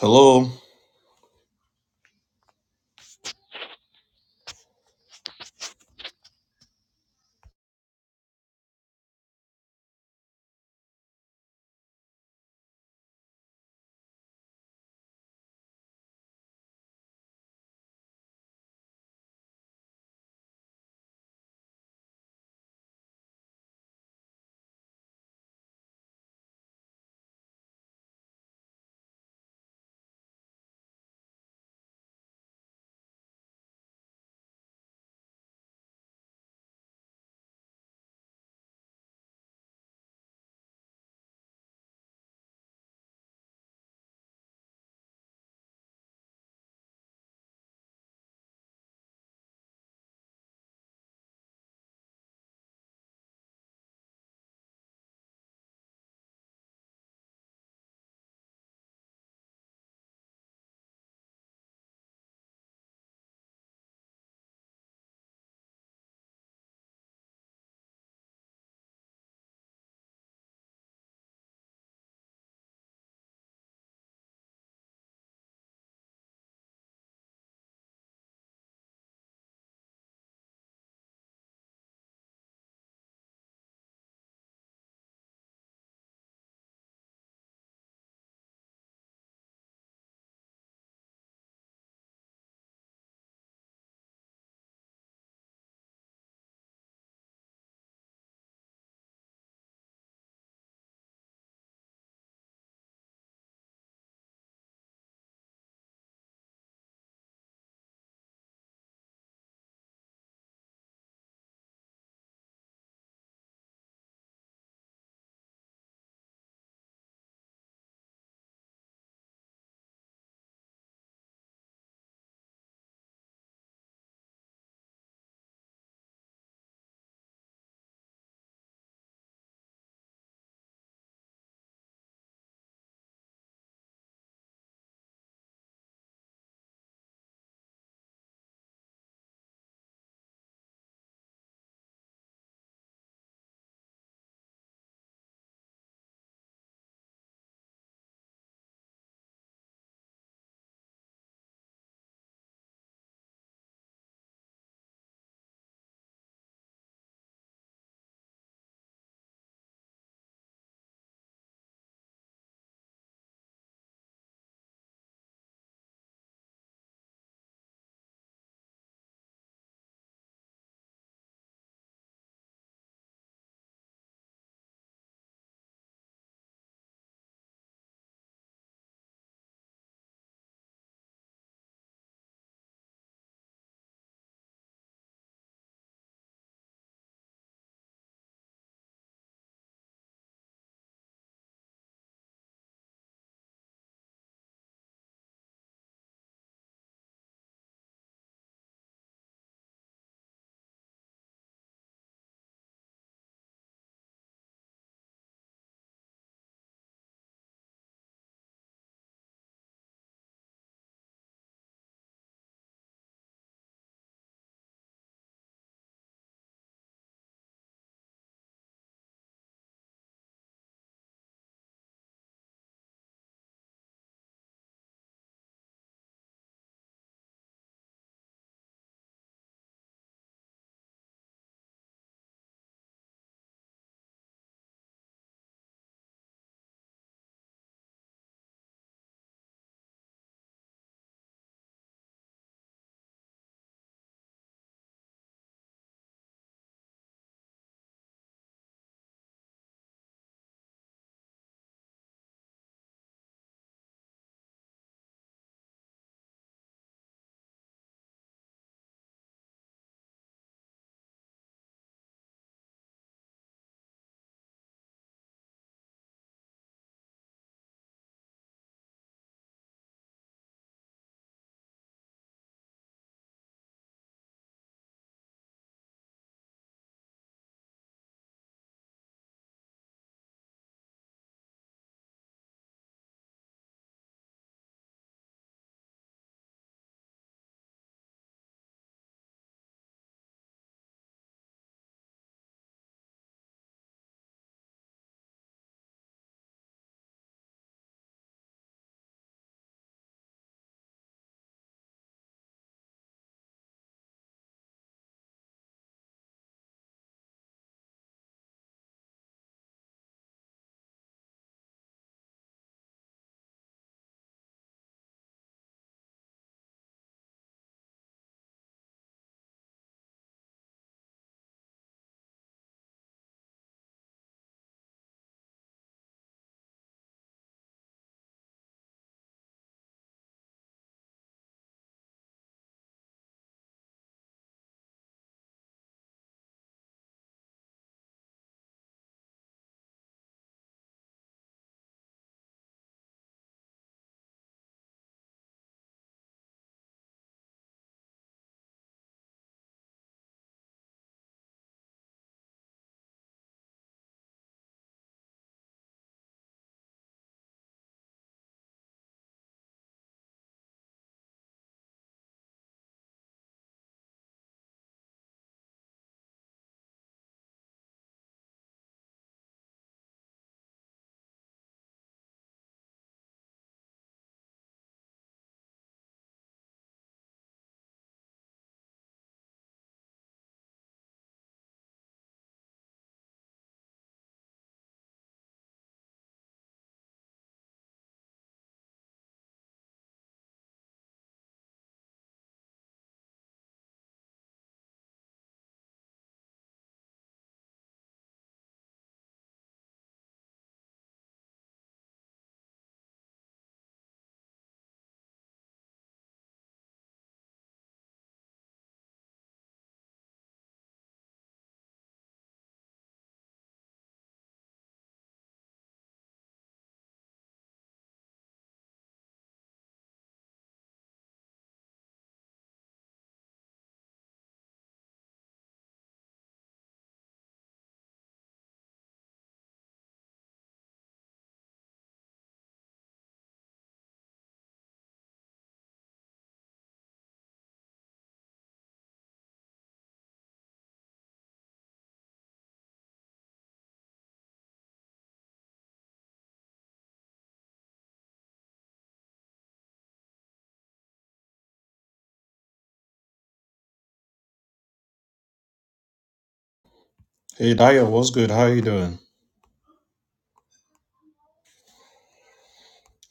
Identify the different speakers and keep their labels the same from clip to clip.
Speaker 1: Hello. Hey, Dayo, what's good? How are you doing?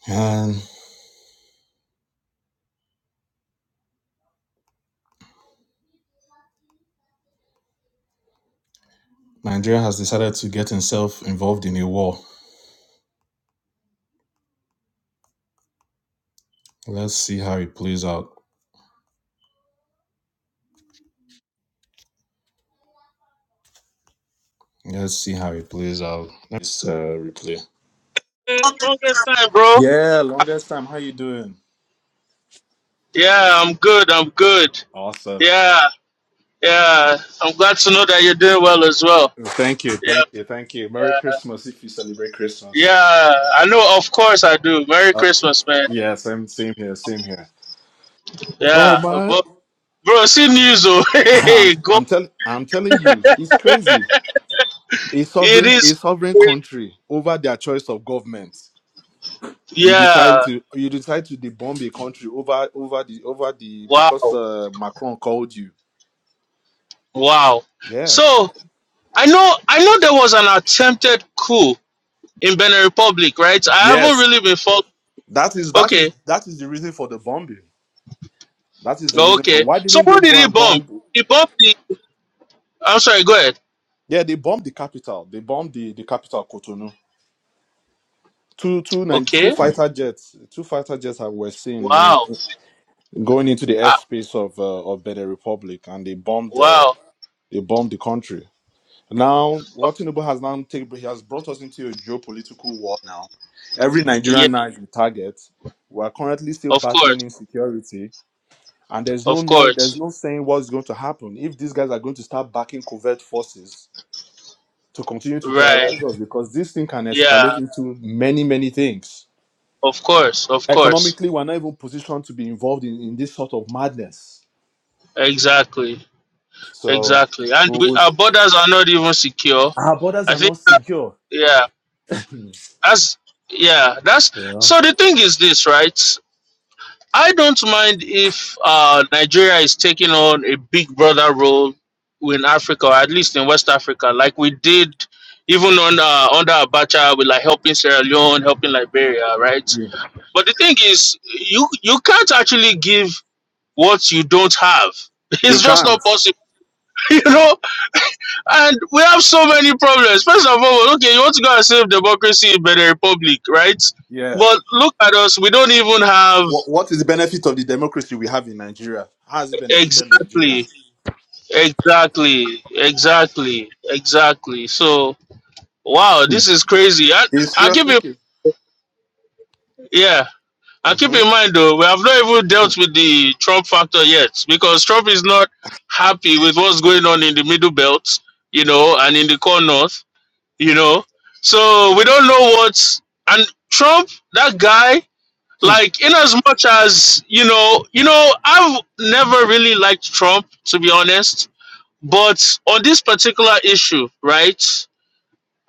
Speaker 1: And Nigeria has decided to get himself involved in a war. Let's see how it plays out. Let's see how it plays out. Let's uh, replay.
Speaker 2: Hey, longest time, bro.
Speaker 1: Yeah, longest time. How you doing?
Speaker 2: Yeah, I'm good. I'm good.
Speaker 1: Awesome.
Speaker 2: Yeah, yeah. I'm glad to know that you're doing well as well.
Speaker 1: Thank you,
Speaker 2: Yeah,
Speaker 1: thank you, thank you. Merry
Speaker 2: yeah.
Speaker 1: Christmas if you celebrate Christmas.
Speaker 2: Yeah, I know. Of course, I do. Merry
Speaker 1: Oh,
Speaker 2: Christmas, man.
Speaker 1: yeah, same, same here, same here. Oh
Speaker 2: Yeah,
Speaker 1: man,
Speaker 2: but bro, see news, oh, hey,
Speaker 1: I'm,
Speaker 2: hey, go.
Speaker 1: I'm telling, I'm telling you, it's crazy. A
Speaker 2: It
Speaker 1: sovereign, a
Speaker 2: is.
Speaker 1: sovereign country over their choice of government. You decide
Speaker 2: Yeah.
Speaker 1: to you decide to debomb a country over over the over the because
Speaker 2: Wow.
Speaker 1: uh, Macron called you.
Speaker 2: Wow.
Speaker 1: Yeah.
Speaker 2: So I know. I know there was an attempted coup in Benin Republic, right? I haven't
Speaker 1: Yes.
Speaker 2: really been following.
Speaker 1: That is that
Speaker 2: Okay.
Speaker 1: is that is the reason for the bombing. That is the reason for
Speaker 2: Okay.
Speaker 1: why
Speaker 2: So
Speaker 1: didn't they
Speaker 2: what did
Speaker 1: go
Speaker 2: he
Speaker 1: and
Speaker 2: bomb?
Speaker 1: bomb?
Speaker 2: He bombed the I'm sorry. Go ahead.
Speaker 1: Yeah, they bombed the capital. They bombed the, the capital Cotonou. Two two nine two
Speaker 2: Okay.
Speaker 1: fighter jets. Two fighter jets I were seen, you
Speaker 2: Wow.
Speaker 1: know, going into the
Speaker 2: Ah.
Speaker 1: airspace of uh, of Benin Republic, and they bombed the
Speaker 2: wow.
Speaker 1: they bombed the country. Now, what Tinubu has now taken, he has brought us into a geopolitical war now. Every
Speaker 2: Yeah.
Speaker 1: Nigerian now is a target. We are currently still
Speaker 2: Of course.
Speaker 1: battling insecurity, and there's no
Speaker 2: Of
Speaker 1: knowing, there's
Speaker 2: course.
Speaker 1: no saying what's going to happen if these guys are going to start backing covert forces to continue to
Speaker 2: Right.
Speaker 1: terrorize us because this thing can escalate
Speaker 2: Yeah.
Speaker 1: into many, many things.
Speaker 2: Of course. Of course.
Speaker 1: Economically, we're not even positioned to be involved in, in this sort of madness.
Speaker 2: Exactly.
Speaker 1: So,
Speaker 2: Exactly. And
Speaker 1: we
Speaker 2: we,
Speaker 1: we-
Speaker 2: our borders are not even secure.
Speaker 1: our borders
Speaker 2: I
Speaker 1: are not
Speaker 2: think. That,
Speaker 1: secure.
Speaker 2: yeah.
Speaker 1: you
Speaker 2: That's. Yeah. That's.
Speaker 1: know?
Speaker 2: So the thing is this, right? I don't mind if uh, Nigeria is taking on a big brother role in Africa, or at least in West Africa, like we did even on uh, under Abacha with like helping Sierra Leone, helping Liberia, right?
Speaker 1: Yeah.
Speaker 2: But the thing is, you you can't actually give what you don't have. It's
Speaker 1: You
Speaker 2: just
Speaker 1: can't.
Speaker 2: not possible, you know. And we have so many problems. First of all, okay, you want to go and save democracy in Benin Republic, right?
Speaker 1: Yeah.
Speaker 2: But look at us. We don't even have
Speaker 1: Wh- What is the benefit of the democracy we have in Nigeria? How has it benefited
Speaker 2: exactly
Speaker 1: Nigeria?
Speaker 2: Exactly, exactly, exactly. So wow,
Speaker 1: Hmm.
Speaker 2: this is crazy. I
Speaker 1: It's
Speaker 2: I keep it
Speaker 1: seriously.
Speaker 2: yeah. I keep
Speaker 1: Mm-hmm.
Speaker 2: in mind though, we have not even dealt with the Trump factor yet because Trump is not happy with what's going on in the middle belt, you know, and in the core north, you know. So we don't know what's and Trump, that guy, like in as much as you know, you know, I've never really liked Trump to be honest But on this particular issue, right?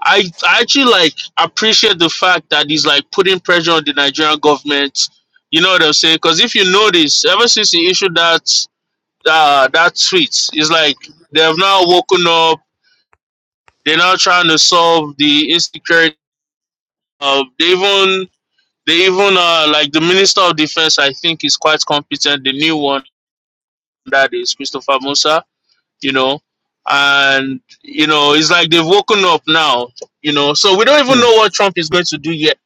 Speaker 2: I, I actually like appreciate the fact that he's like putting pressure on the Nigerian government. You know what I'm saying? Because if you notice, ever since he issued that uh, that tweet, it's like they have now woken up. They're now trying to solve the insecurity. Of, they even they even uh, like the Minister of Defense. I think is quite competent. The new one that is Christopher Musa you know, and you know, it's like they've woken up now, you know. So we don't even know
Speaker 1: Mm-hmm.
Speaker 2: what Trump is going to do yet,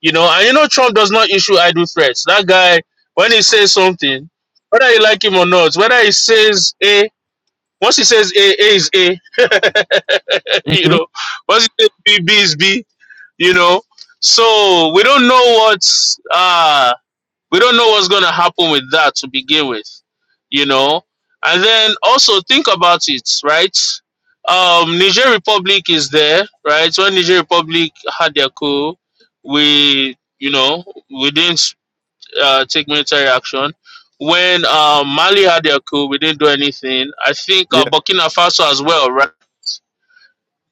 Speaker 2: you know. And you know, Trump does not issue idle threats. That guy, when he says something, whether you like him or not, whether he says A, once he says A, A is A, you know. Once he says B, B is B, you know. So we don't know what. uh, we don't know what's going to happen with that to begin with you know and then also think about it right um niger republic is there right when niger republic had their coup we you know we didn't uh, take military action when um, mali had their coup we didn't do anything i think uh,
Speaker 1: Yeah.
Speaker 2: burkina faso as well right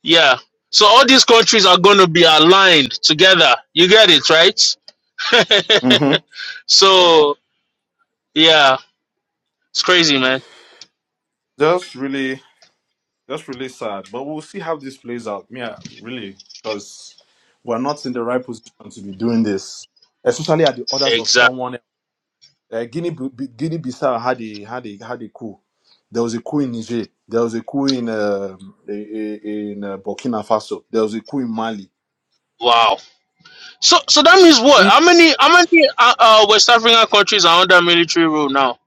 Speaker 2: yeah so all these countries are going to be aligned together you get it right
Speaker 1: Mm-hmm.
Speaker 2: so yeah It's crazy, man.
Speaker 1: Just really, just really sad. But we'll see how this plays out. Yeah, really, because we're not in the right position to be doing this, especially at the orders of
Speaker 2: Exactly.
Speaker 1: someone. else. Uh, Guinea, Guinea Bissau had a had a had a coup. There was a coup in Niger. There was a coup in um, i- i- in uh, Burkina Faso. There was a coup in Mali.
Speaker 2: Wow. So so that means what? How many how many uh, uh West African countries are under military rule now?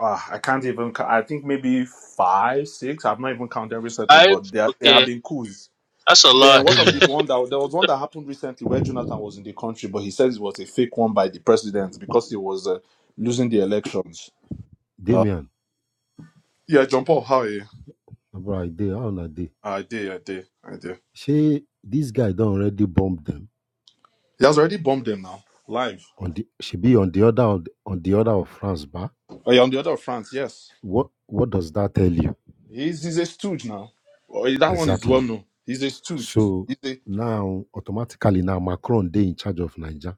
Speaker 1: uh, I can't even. cou- I think maybe five, six. I've not even counted recently,
Speaker 2: Five.
Speaker 1: but there there have
Speaker 2: Okay.
Speaker 1: been coups.
Speaker 2: That's a
Speaker 1: Then
Speaker 2: lot.
Speaker 1: what of the
Speaker 3: Damien,
Speaker 2: Let
Speaker 1: one that there was one that happened recently where Jonathan was in the country, but he says it was a fake one by the president because he was uh, losing the
Speaker 3: D-
Speaker 1: elections. Uh,
Speaker 3: Damien,
Speaker 1: yeah, John Paul, how are you?
Speaker 3: bro, they on a day?
Speaker 1: I did, I did, I did.
Speaker 3: Shey this guy done already bombed them
Speaker 1: He has already bombed them now, live.
Speaker 3: on the she be on the other on the, on the other of France, ba?
Speaker 1: Oh, yeah, on the other of France, yes.
Speaker 3: What what does that tell you
Speaker 1: He's he's a stooge now. Oh, that one is well
Speaker 3: exactly?
Speaker 1: known. He's a stooge.
Speaker 3: So now automatically now Macron they in charge of Niger.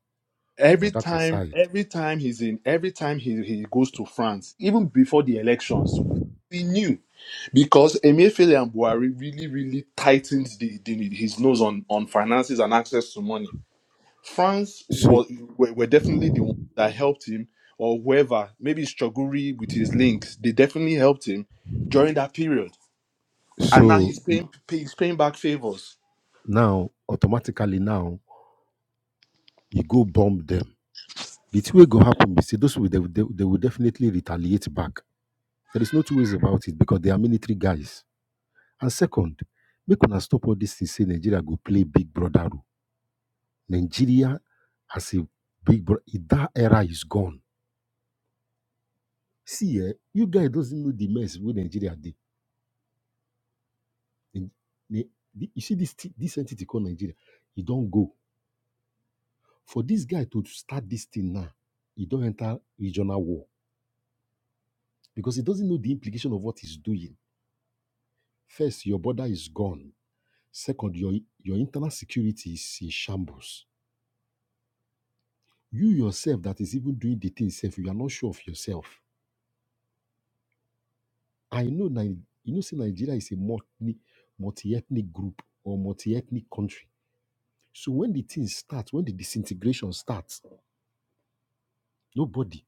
Speaker 1: every
Speaker 3: But that
Speaker 1: time
Speaker 3: aside,
Speaker 1: every time he's in every time he, he goes to france even before the elections we knew because emefiele and buhari really really tightened the, the, his nose on, on finances and access to money france
Speaker 3: so
Speaker 1: was were, were definitely the ones that helped him or whoever maybe it's Choguri with his links they definitely helped him during that period and now
Speaker 3: so
Speaker 1: he's
Speaker 3: you,
Speaker 1: paying he's paying back favors
Speaker 3: now automatically now you go bomb them. The two way go happen, you see, those will they, will- they, will- they will definitely retaliate back. There is no two ways about it because they are military guys And second, make una stop all this thing say Nigeria go play big brother role. Nigeria as a big brother, that era is gone. See, eh, you guys doesn't know the mess with Nigeria did. You see this thi- this entity called Nigeria, it don't go. For this guy to start this thing now, he don't enter regional war because he doesn't know the implication of what he's doing. First, your border is gone. Second, your your internal security is in shambles You yourself that is even doing the thing self, you are not sure of yourself. I know Ni- you know say Nigeria is a multi multi-ethnic group or multi-ethnic country. So when the thing starts, when the disintegration starts, nobody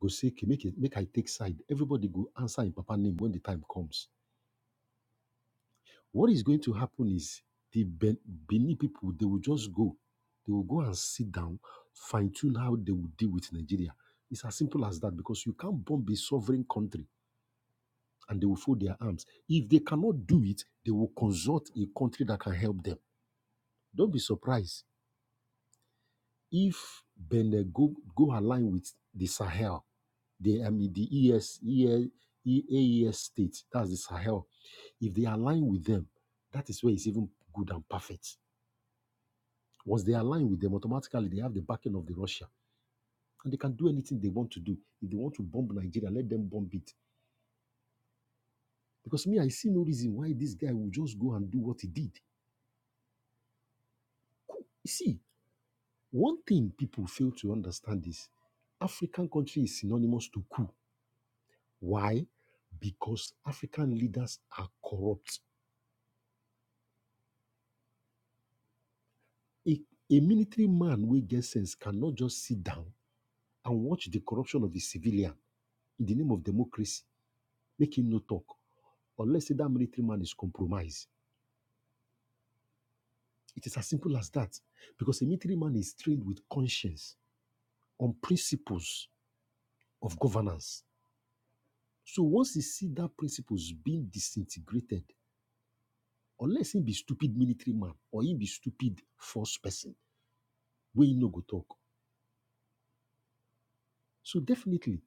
Speaker 3: go say, okay, make it, make I take side. Everybody go answer in Papa name when the time comes. What is going to happen is the ben- Benin people, they will just go. They will go and sit down, fine-tune how they will deal with Nigeria. It's as simple as that because you can't bomb a sovereign country and they will fold their arms. If they cannot do it, they will consult a country that can help them. Don't be surprised if Benin go, go align with the Sahel, the, I mean, the ES, states, that's the Sahel. If they align with them, that is where it's even good and perfect. Once they align with them, automatically they have the backing of the Russia and they can do anything they want to do. If they want to bomb Nigeria, let them bomb it. Because me, I see no reason why this guy will just go and do what he did. You see, One thing people fail to understand is African country is synonymous to coup. Why? Because African leaders are corrupt. A, a military man wey get sense cannot just sit down and watch the corruption of a civilian in the name of democracy, make him no talk, unless say that military man is compromised. It is as simple as that. Because a military man is trained with conscience on principles of governance. So once he see that principles being disintegrated, unless he be stupid military man or he be stupid force person where he no go talk. So definitely,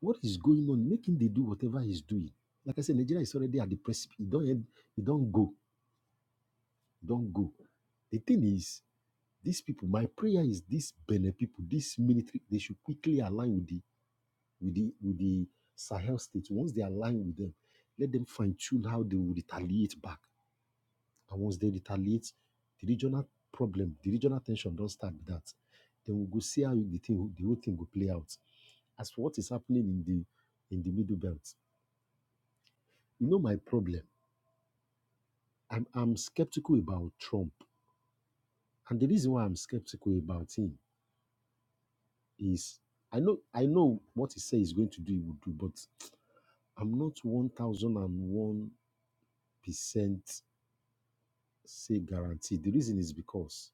Speaker 3: what is going on, making they do whatever he's doing. Like I said, Nigeria is already at the precipice. It don't, end, it don't go, it don't go. The thing is, these people, my prayer is these Benin people, this military, they should quickly align with the with the with the Sahel states. Once they align with them, let them fine tune how they will retaliate back And once they retaliate, the regional problem, the regional tension don't start with that. Then we go see how the thing, the whole thing will play out. As for what is happening in the in the middle belt, you know my problem. I'm I'm skeptical about Trump, and the reason why I'm skeptical about him is I know I know what he says he's going to do, he will do, but I'm not one thousand and one percent say guaranteed. The reason is because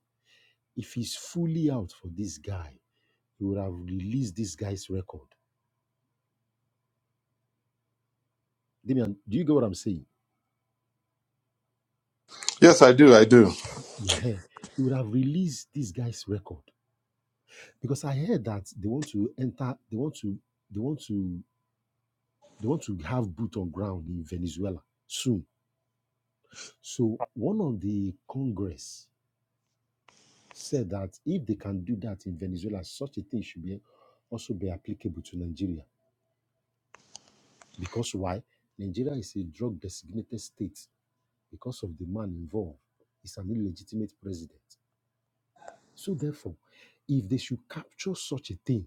Speaker 3: if he's fully out for this guy, he would have released this guy's record. Damian, do you get what I'm saying?
Speaker 1: Yes, I do. I do.
Speaker 3: Yeah, he would have released this guy's record because I heard that they want to enter, they want to, they want to, they want to have boot on ground in Venezuela soon. So one of the Congress said that if they can do that in Venezuela, such a thing should be also be applicable to Nigeria because why? Nigeria is a drug designated state because of the man involved. He's an illegitimate president. So therefore, if they should capture such a thing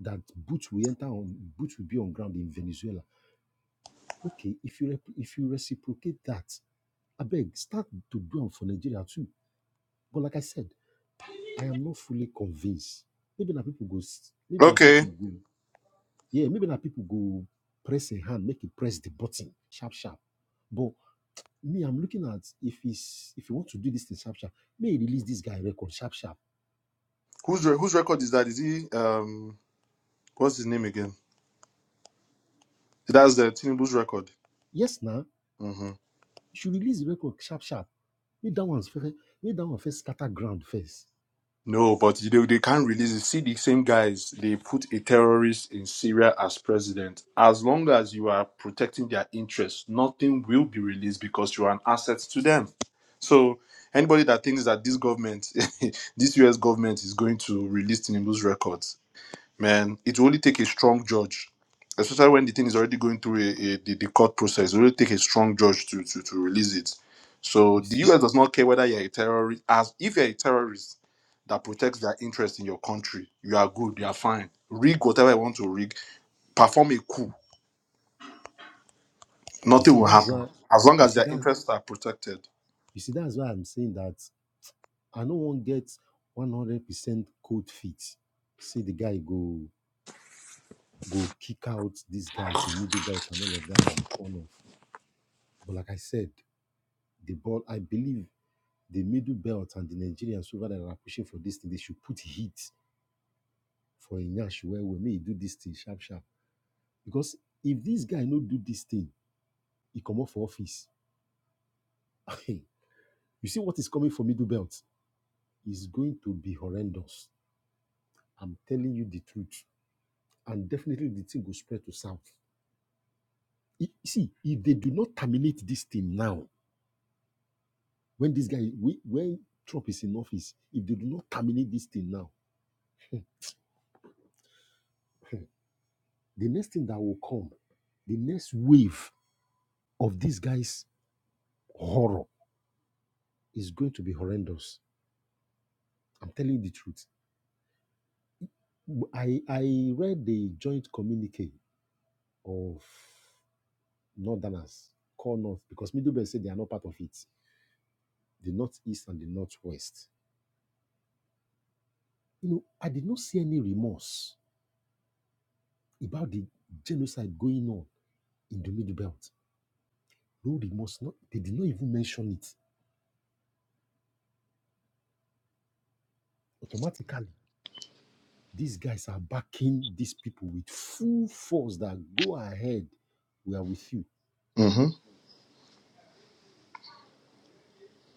Speaker 3: that boots will enter on boots will be on ground in Venezuela, okay, if you rep- if you reciprocate that, I beg start to do am for Nigeria too. But like I said, I am not fully convinced. Maybe na people go s- maybe na
Speaker 1: Okay.
Speaker 3: people go yeah, maybe na people go press a hand, make it press the button, sharp sharp. But me, I'm looking at if he's if you want to do this thing sharp sharp, may he release this guy record sharp sharp.
Speaker 1: Whose re- whose record is that? Is he um? What's his name again? That's the Tinubu's record.
Speaker 3: Yes, now
Speaker 1: hmm
Speaker 3: you should release the record sharp sharp Make that one first. Make that one first. Scatter ground first.
Speaker 1: No, but they, they can't release it. See, the same guys, they put a terrorist in Syria as president. As long as you are protecting their interests, nothing will be released because you are an asset to them. So, anybody that thinks that this government, this US government, is going to release Tinubu's records. man, it will only take a strong judge, especially when the thing is already going through a, a, the, the court process. It will only take a strong judge to, to, to release it. So
Speaker 3: You
Speaker 1: the
Speaker 3: see.
Speaker 1: US does not care whether you're a terrorist. As if you're a terrorist that protects their interest in your country, you are good, you are fine. Rig whatever you want to rig, perform a coup,
Speaker 3: You
Speaker 1: nothing
Speaker 3: see.
Speaker 1: will
Speaker 3: That's
Speaker 1: happen
Speaker 3: why.
Speaker 1: as long
Speaker 3: You
Speaker 1: as
Speaker 3: see.
Speaker 1: their
Speaker 3: That's.
Speaker 1: interests are protected.
Speaker 3: You see. That's why I'm saying that I no wan get one hundred percent cold feet. Say the guy go go kick out these guys in middle belt and all of that on the corners. But like I said, the ball. I believe the middle belt and the Nigerians over there are pushing for this thing. They should put heat for Inyash where we may do this thing sharp sharp. Because if this guy no do this thing, he come off for office. You see what is coming for middle belt is going to be horrendous. I'm telling you the truth. And definitely the thing will spread to south. I- see, if they do not terminate this thing now, when this guy, we- when Trump is in office, if they do not terminate this thing now, the next thing that will come, the next wave of this guy's horror is going to be horrendous. I'm telling you the truth. I, I read the joint communique of northerners call north because Middleburg said they are not part of it. The northeast and the northwest. You know, I did not see any remorse about the genocide going on in the Middle Belt. No remorse. Not, they did not even mention it. Automatically, these guys are backing these people with full force that go ahead. We are with you.
Speaker 1: Mm-hmm.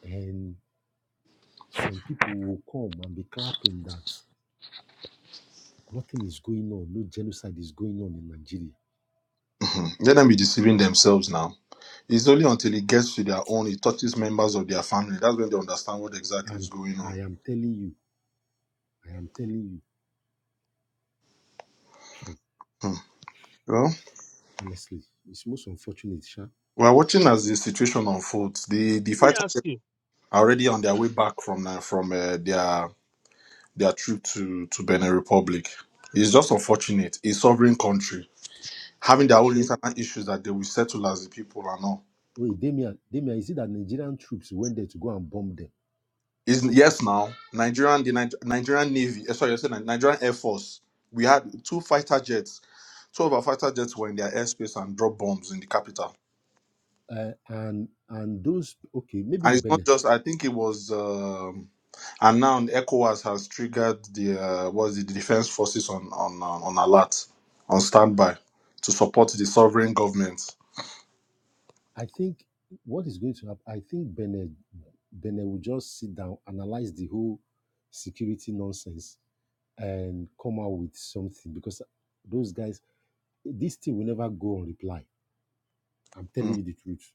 Speaker 3: And some people will come and be clapping that nothing is going on, no genocide is going on in Nigeria.
Speaker 1: hmm Let them be deceiving themselves now. It's only until it gets to their own, it touches members of their family. That's when they understand what exactly is
Speaker 3: I'm,
Speaker 1: going
Speaker 3: I
Speaker 1: on.
Speaker 3: am telling you, I am telling you.
Speaker 1: Hmm. Well,
Speaker 3: honestly. It's most unfortunate, sha.
Speaker 1: We're watching as the situation unfolds. The the
Speaker 2: me
Speaker 1: fighters
Speaker 2: ask you.
Speaker 1: are already on their way back from uh, from uh, their their trip to to Benin Republic. It's just unfortunate. A sovereign country having their own
Speaker 3: She,
Speaker 1: internal issues that they will settle as the people and all.
Speaker 3: wait, Damia, Damia, is it that Nigerian troops went there to go and bomb them?
Speaker 1: Is yes now Nigerian the Ni- Nigerian Navy. eh, Sorry, I said Ni- Nigerian Air Force. We had two fighter jets. Two of our fighter jets were in their airspace and dropped bombs in the capital.
Speaker 3: Uh, and and those okay, maybe
Speaker 1: And it's not
Speaker 3: Benin.
Speaker 1: just. I think it was. um, And now ECOWAS has triggered the uh, what's it, the defense forces on on uh, on alert, on standby to support the sovereign government.
Speaker 3: I think what is going to happen, I think Benin Benin will just sit down, analyze the whole security nonsense, and come out with something because those guys, this thing will never go on reply. I'm
Speaker 1: Mm.
Speaker 3: telling you the truth.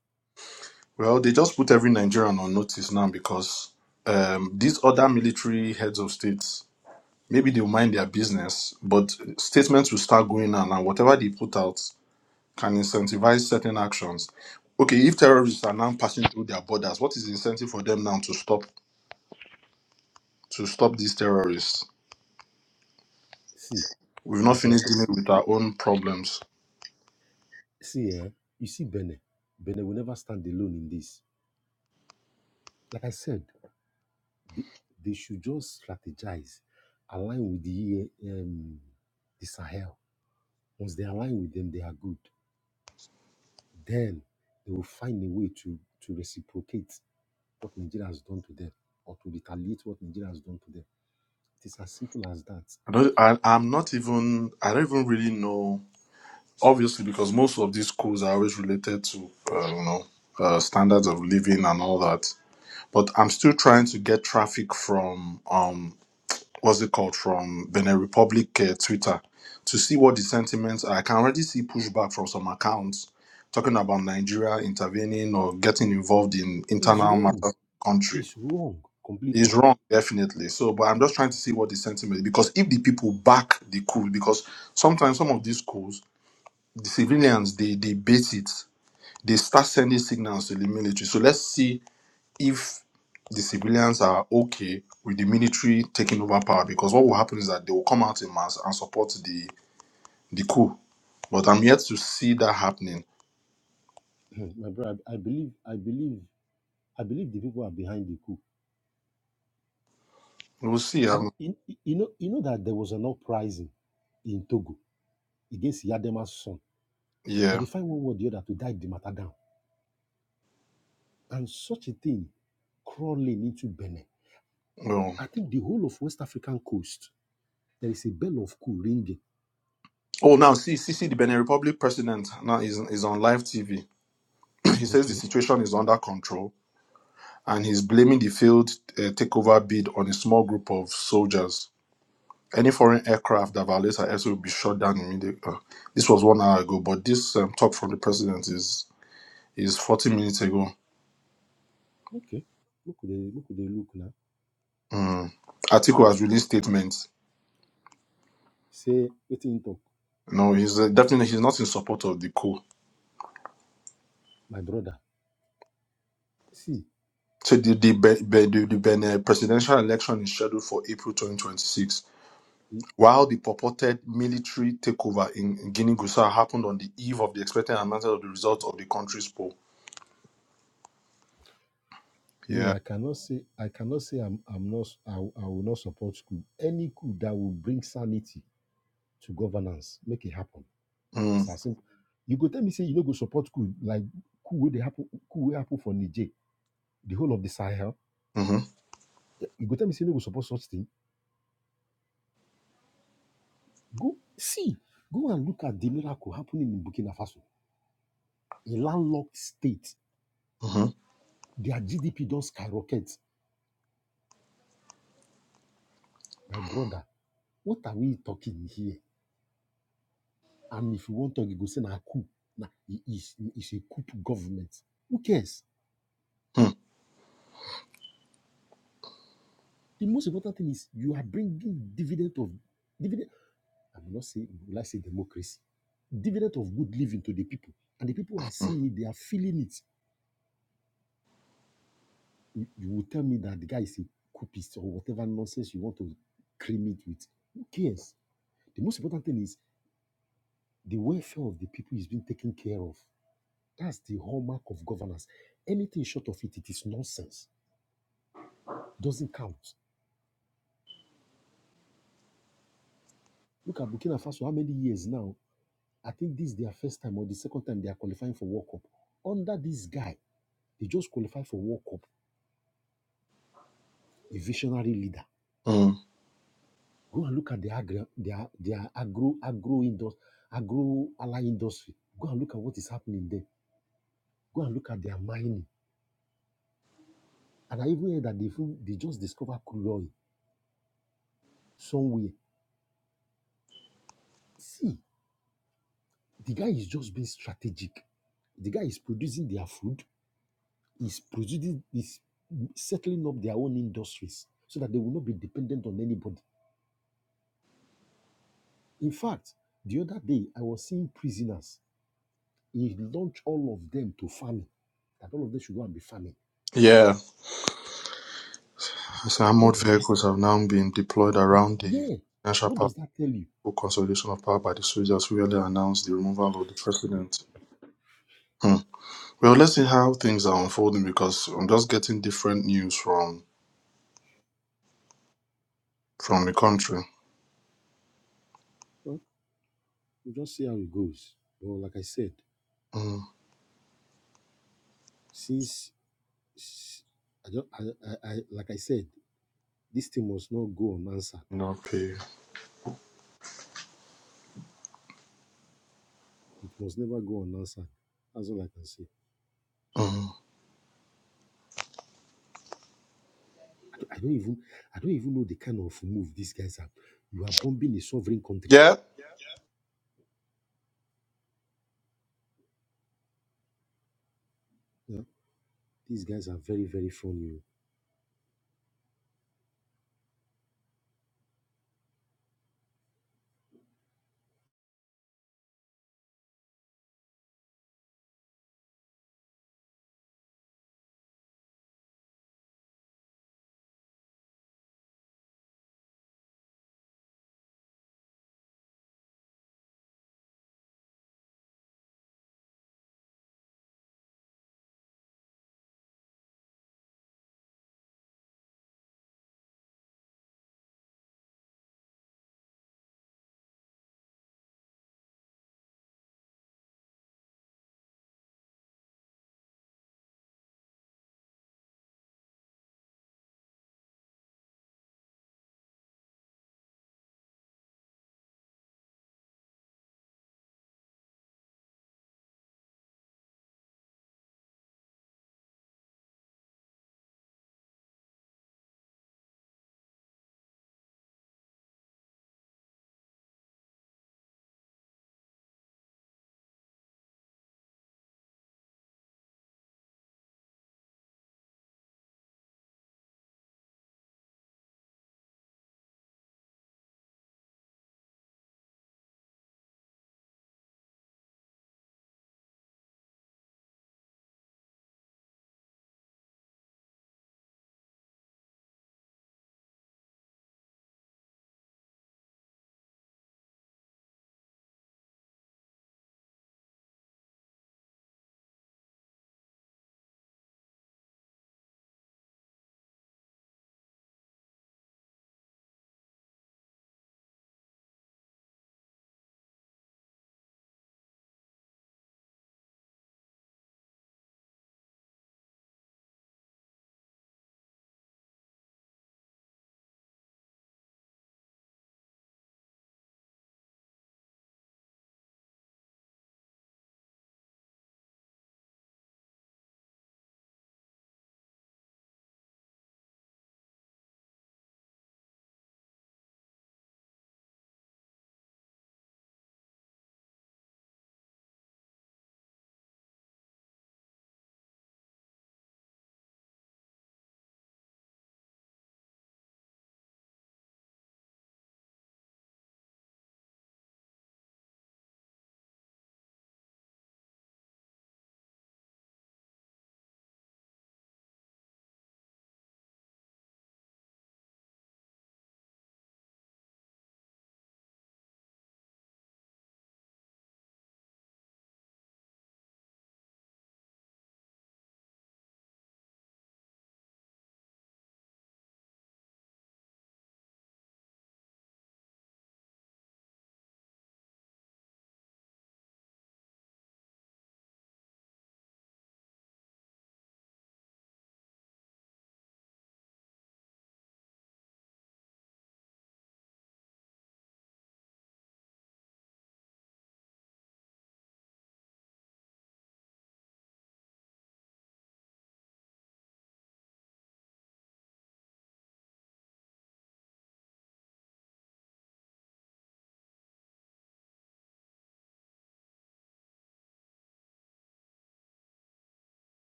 Speaker 1: Well, they just put every Nigerian on notice now because um, these other military heads of states maybe they'll mind their business, but statements will start going on, and whatever they put out can incentivize certain actions. Okay, if terrorists are now passing through their borders, what is the incentive for them now to stop to stop these terrorists?
Speaker 3: See,
Speaker 1: We've not
Speaker 3: like I
Speaker 1: finished
Speaker 3: said,
Speaker 1: dealing
Speaker 3: see,
Speaker 1: with our own problems.
Speaker 3: see, eh, you see Benin. Benin will never stand alone in this. Like I said, They, they should just strategize, align with the um, the Sahel. Once they align with them, they are good. Then they will find a way to to reciprocate what Nigeria has done to them, or to retaliate what Nigeria has done to them. It is as simple as that.
Speaker 1: I don't. I, I'm not even. I don't even really know. Obviously, because most of these schools are always related to uh, you know uh, standards of living and all that. But I'm still trying to get traffic from um what's it called from Benin Republic uh, Twitter to see what the sentiments are. I can already see pushback from some accounts talking about Nigeria intervening or getting involved in
Speaker 3: He's
Speaker 1: internal matters
Speaker 3: wrong.
Speaker 1: of the country
Speaker 3: He's wrong completely.
Speaker 1: It's wrong, definitely. So, but I'm just trying to see what the sentiment is. because if the people back the coup, because sometimes some of these schools, the civilians they they bait it, they start sending signals to the military. So let's see if the civilians are okay with the military taking over power, because what will happen is that they will come out in mass and support the the coup. But I'm yet to see that happening.
Speaker 3: My brother, I believe, I believe, I believe the people are behind the coup.
Speaker 1: We'll see.
Speaker 3: I,
Speaker 1: Um,
Speaker 3: you, you know, you know that there was an uprising in Togo against Yadema's son, but
Speaker 1: yeah.
Speaker 3: they find one way or the other to die the matter down and such a thing crawling into Benin.
Speaker 1: Well.
Speaker 3: I think the whole of West African coast, there is a bell of cool ringing.
Speaker 1: Oh, now see, see, see, the Benin Republic president now is is on live TV He says the
Speaker 3: Okay,
Speaker 1: situation is under control and he's blaming the failed uh, takeover bid on a small group of soldiers. Any foreign aircraft that violates our airspace will be shot down immediately. Uh, this was one hour ago, but this um, talk from the president is is 40 minutes ago.
Speaker 3: okay. Look they look They look now.
Speaker 1: Mm. Atiku has released statements.
Speaker 3: Say, waiting in talk,
Speaker 1: No, he's uh, definitely he's not in support of the coup.
Speaker 3: my brother. See,
Speaker 1: So the the, Be- Be- the, the Benin presidential election is scheduled for April 2026
Speaker 3: eh,
Speaker 1: While the purported military takeover in in Guinea-Bissau happened on the eve of the expected announcement of the results of the country's poll.
Speaker 3: me,
Speaker 1: Yeah.
Speaker 3: I cannot say, I cannot say, I'm, I'm not, I, will- I will not support coup. Any coup that will bring sanity to governance, make it happen.
Speaker 1: Mm,
Speaker 3: It's as simple. You go tell me, say, you know, go support coup like coup where they happen, coup where happen for Niger, the whole of the Sahel.
Speaker 1: hmm
Speaker 3: Eh, You go tell me, say, you no go support such thing Go see, go and look at the miracle happening in Burkina Faso, a landlocked state.
Speaker 1: hmm
Speaker 3: Their GDP don't skyrocket. My brother, what are we talking here? And if you want to go say na coup, na it is it's a coup government. Who cares? The most important thing is you are bringing dividend of dividend. I will not say will I say democracy, dividend of good living to the people, and the people are
Speaker 1: hmm
Speaker 3: seeing it. They are feeling it. You, you will tell me that the guy is a copist or whatever nonsense you want to cream it with. Who cares? The most important thing is the welfare of the people is being taken care of. That's the hallmark of governance. Anything short of it, it is nonsense. It doesn't count. Look at Burkina Faso, how many years now? I think this is their first time or the second time they are qualifying for World Cup. Under this guy, they just qualify for World Cup, a visionary leader
Speaker 1: hmm
Speaker 3: Go and look at the agri, their their agro agro industry, agro ally industry. Go and look at what is happening there. Go and look at their mining. And I even heard that they even- they just discovered crude oil somewhere. See, the guy is just being strategic. The guy is producing their food. Is producing is settling up their own industries so that they will not be dependent on anybody. In fact, the other day I was seeing prisoners. He launched all of them to farming. That all of them should go and be farming.
Speaker 1: Yeah. So
Speaker 3: What
Speaker 1: armored
Speaker 3: does that?
Speaker 1: vehicles have now been deployed around the
Speaker 3: Yeah.
Speaker 1: national
Speaker 3: What
Speaker 1: power
Speaker 3: does that tell you?
Speaker 1: for consolidation of power by the soldiers who earlier announced the removal of the president. Hmm. Well, let's see how things are unfolding because I'm just getting different news from from the country.
Speaker 3: Well, we'll just see how it goes. But like I said,
Speaker 1: Mm.
Speaker 3: since s- I don't, I, I, I, like I said, this thing must not go unanswered.
Speaker 1: No pay.
Speaker 3: It must never go unanswered. That's all I can say.
Speaker 1: Mm.
Speaker 3: I don't, I don't even, I don't even know the kind of move these guys are. You are bombing a sovereign country.
Speaker 1: Yeah.
Speaker 3: Yeah? These guys are very, very funny. oh.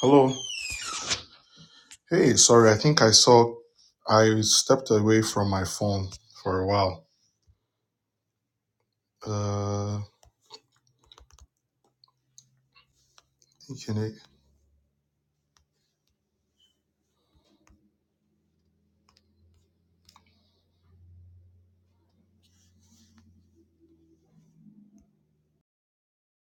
Speaker 1: Hello. Hey, sorry, I think I saw I stepped away from my phone for a while. Uh, thinking it-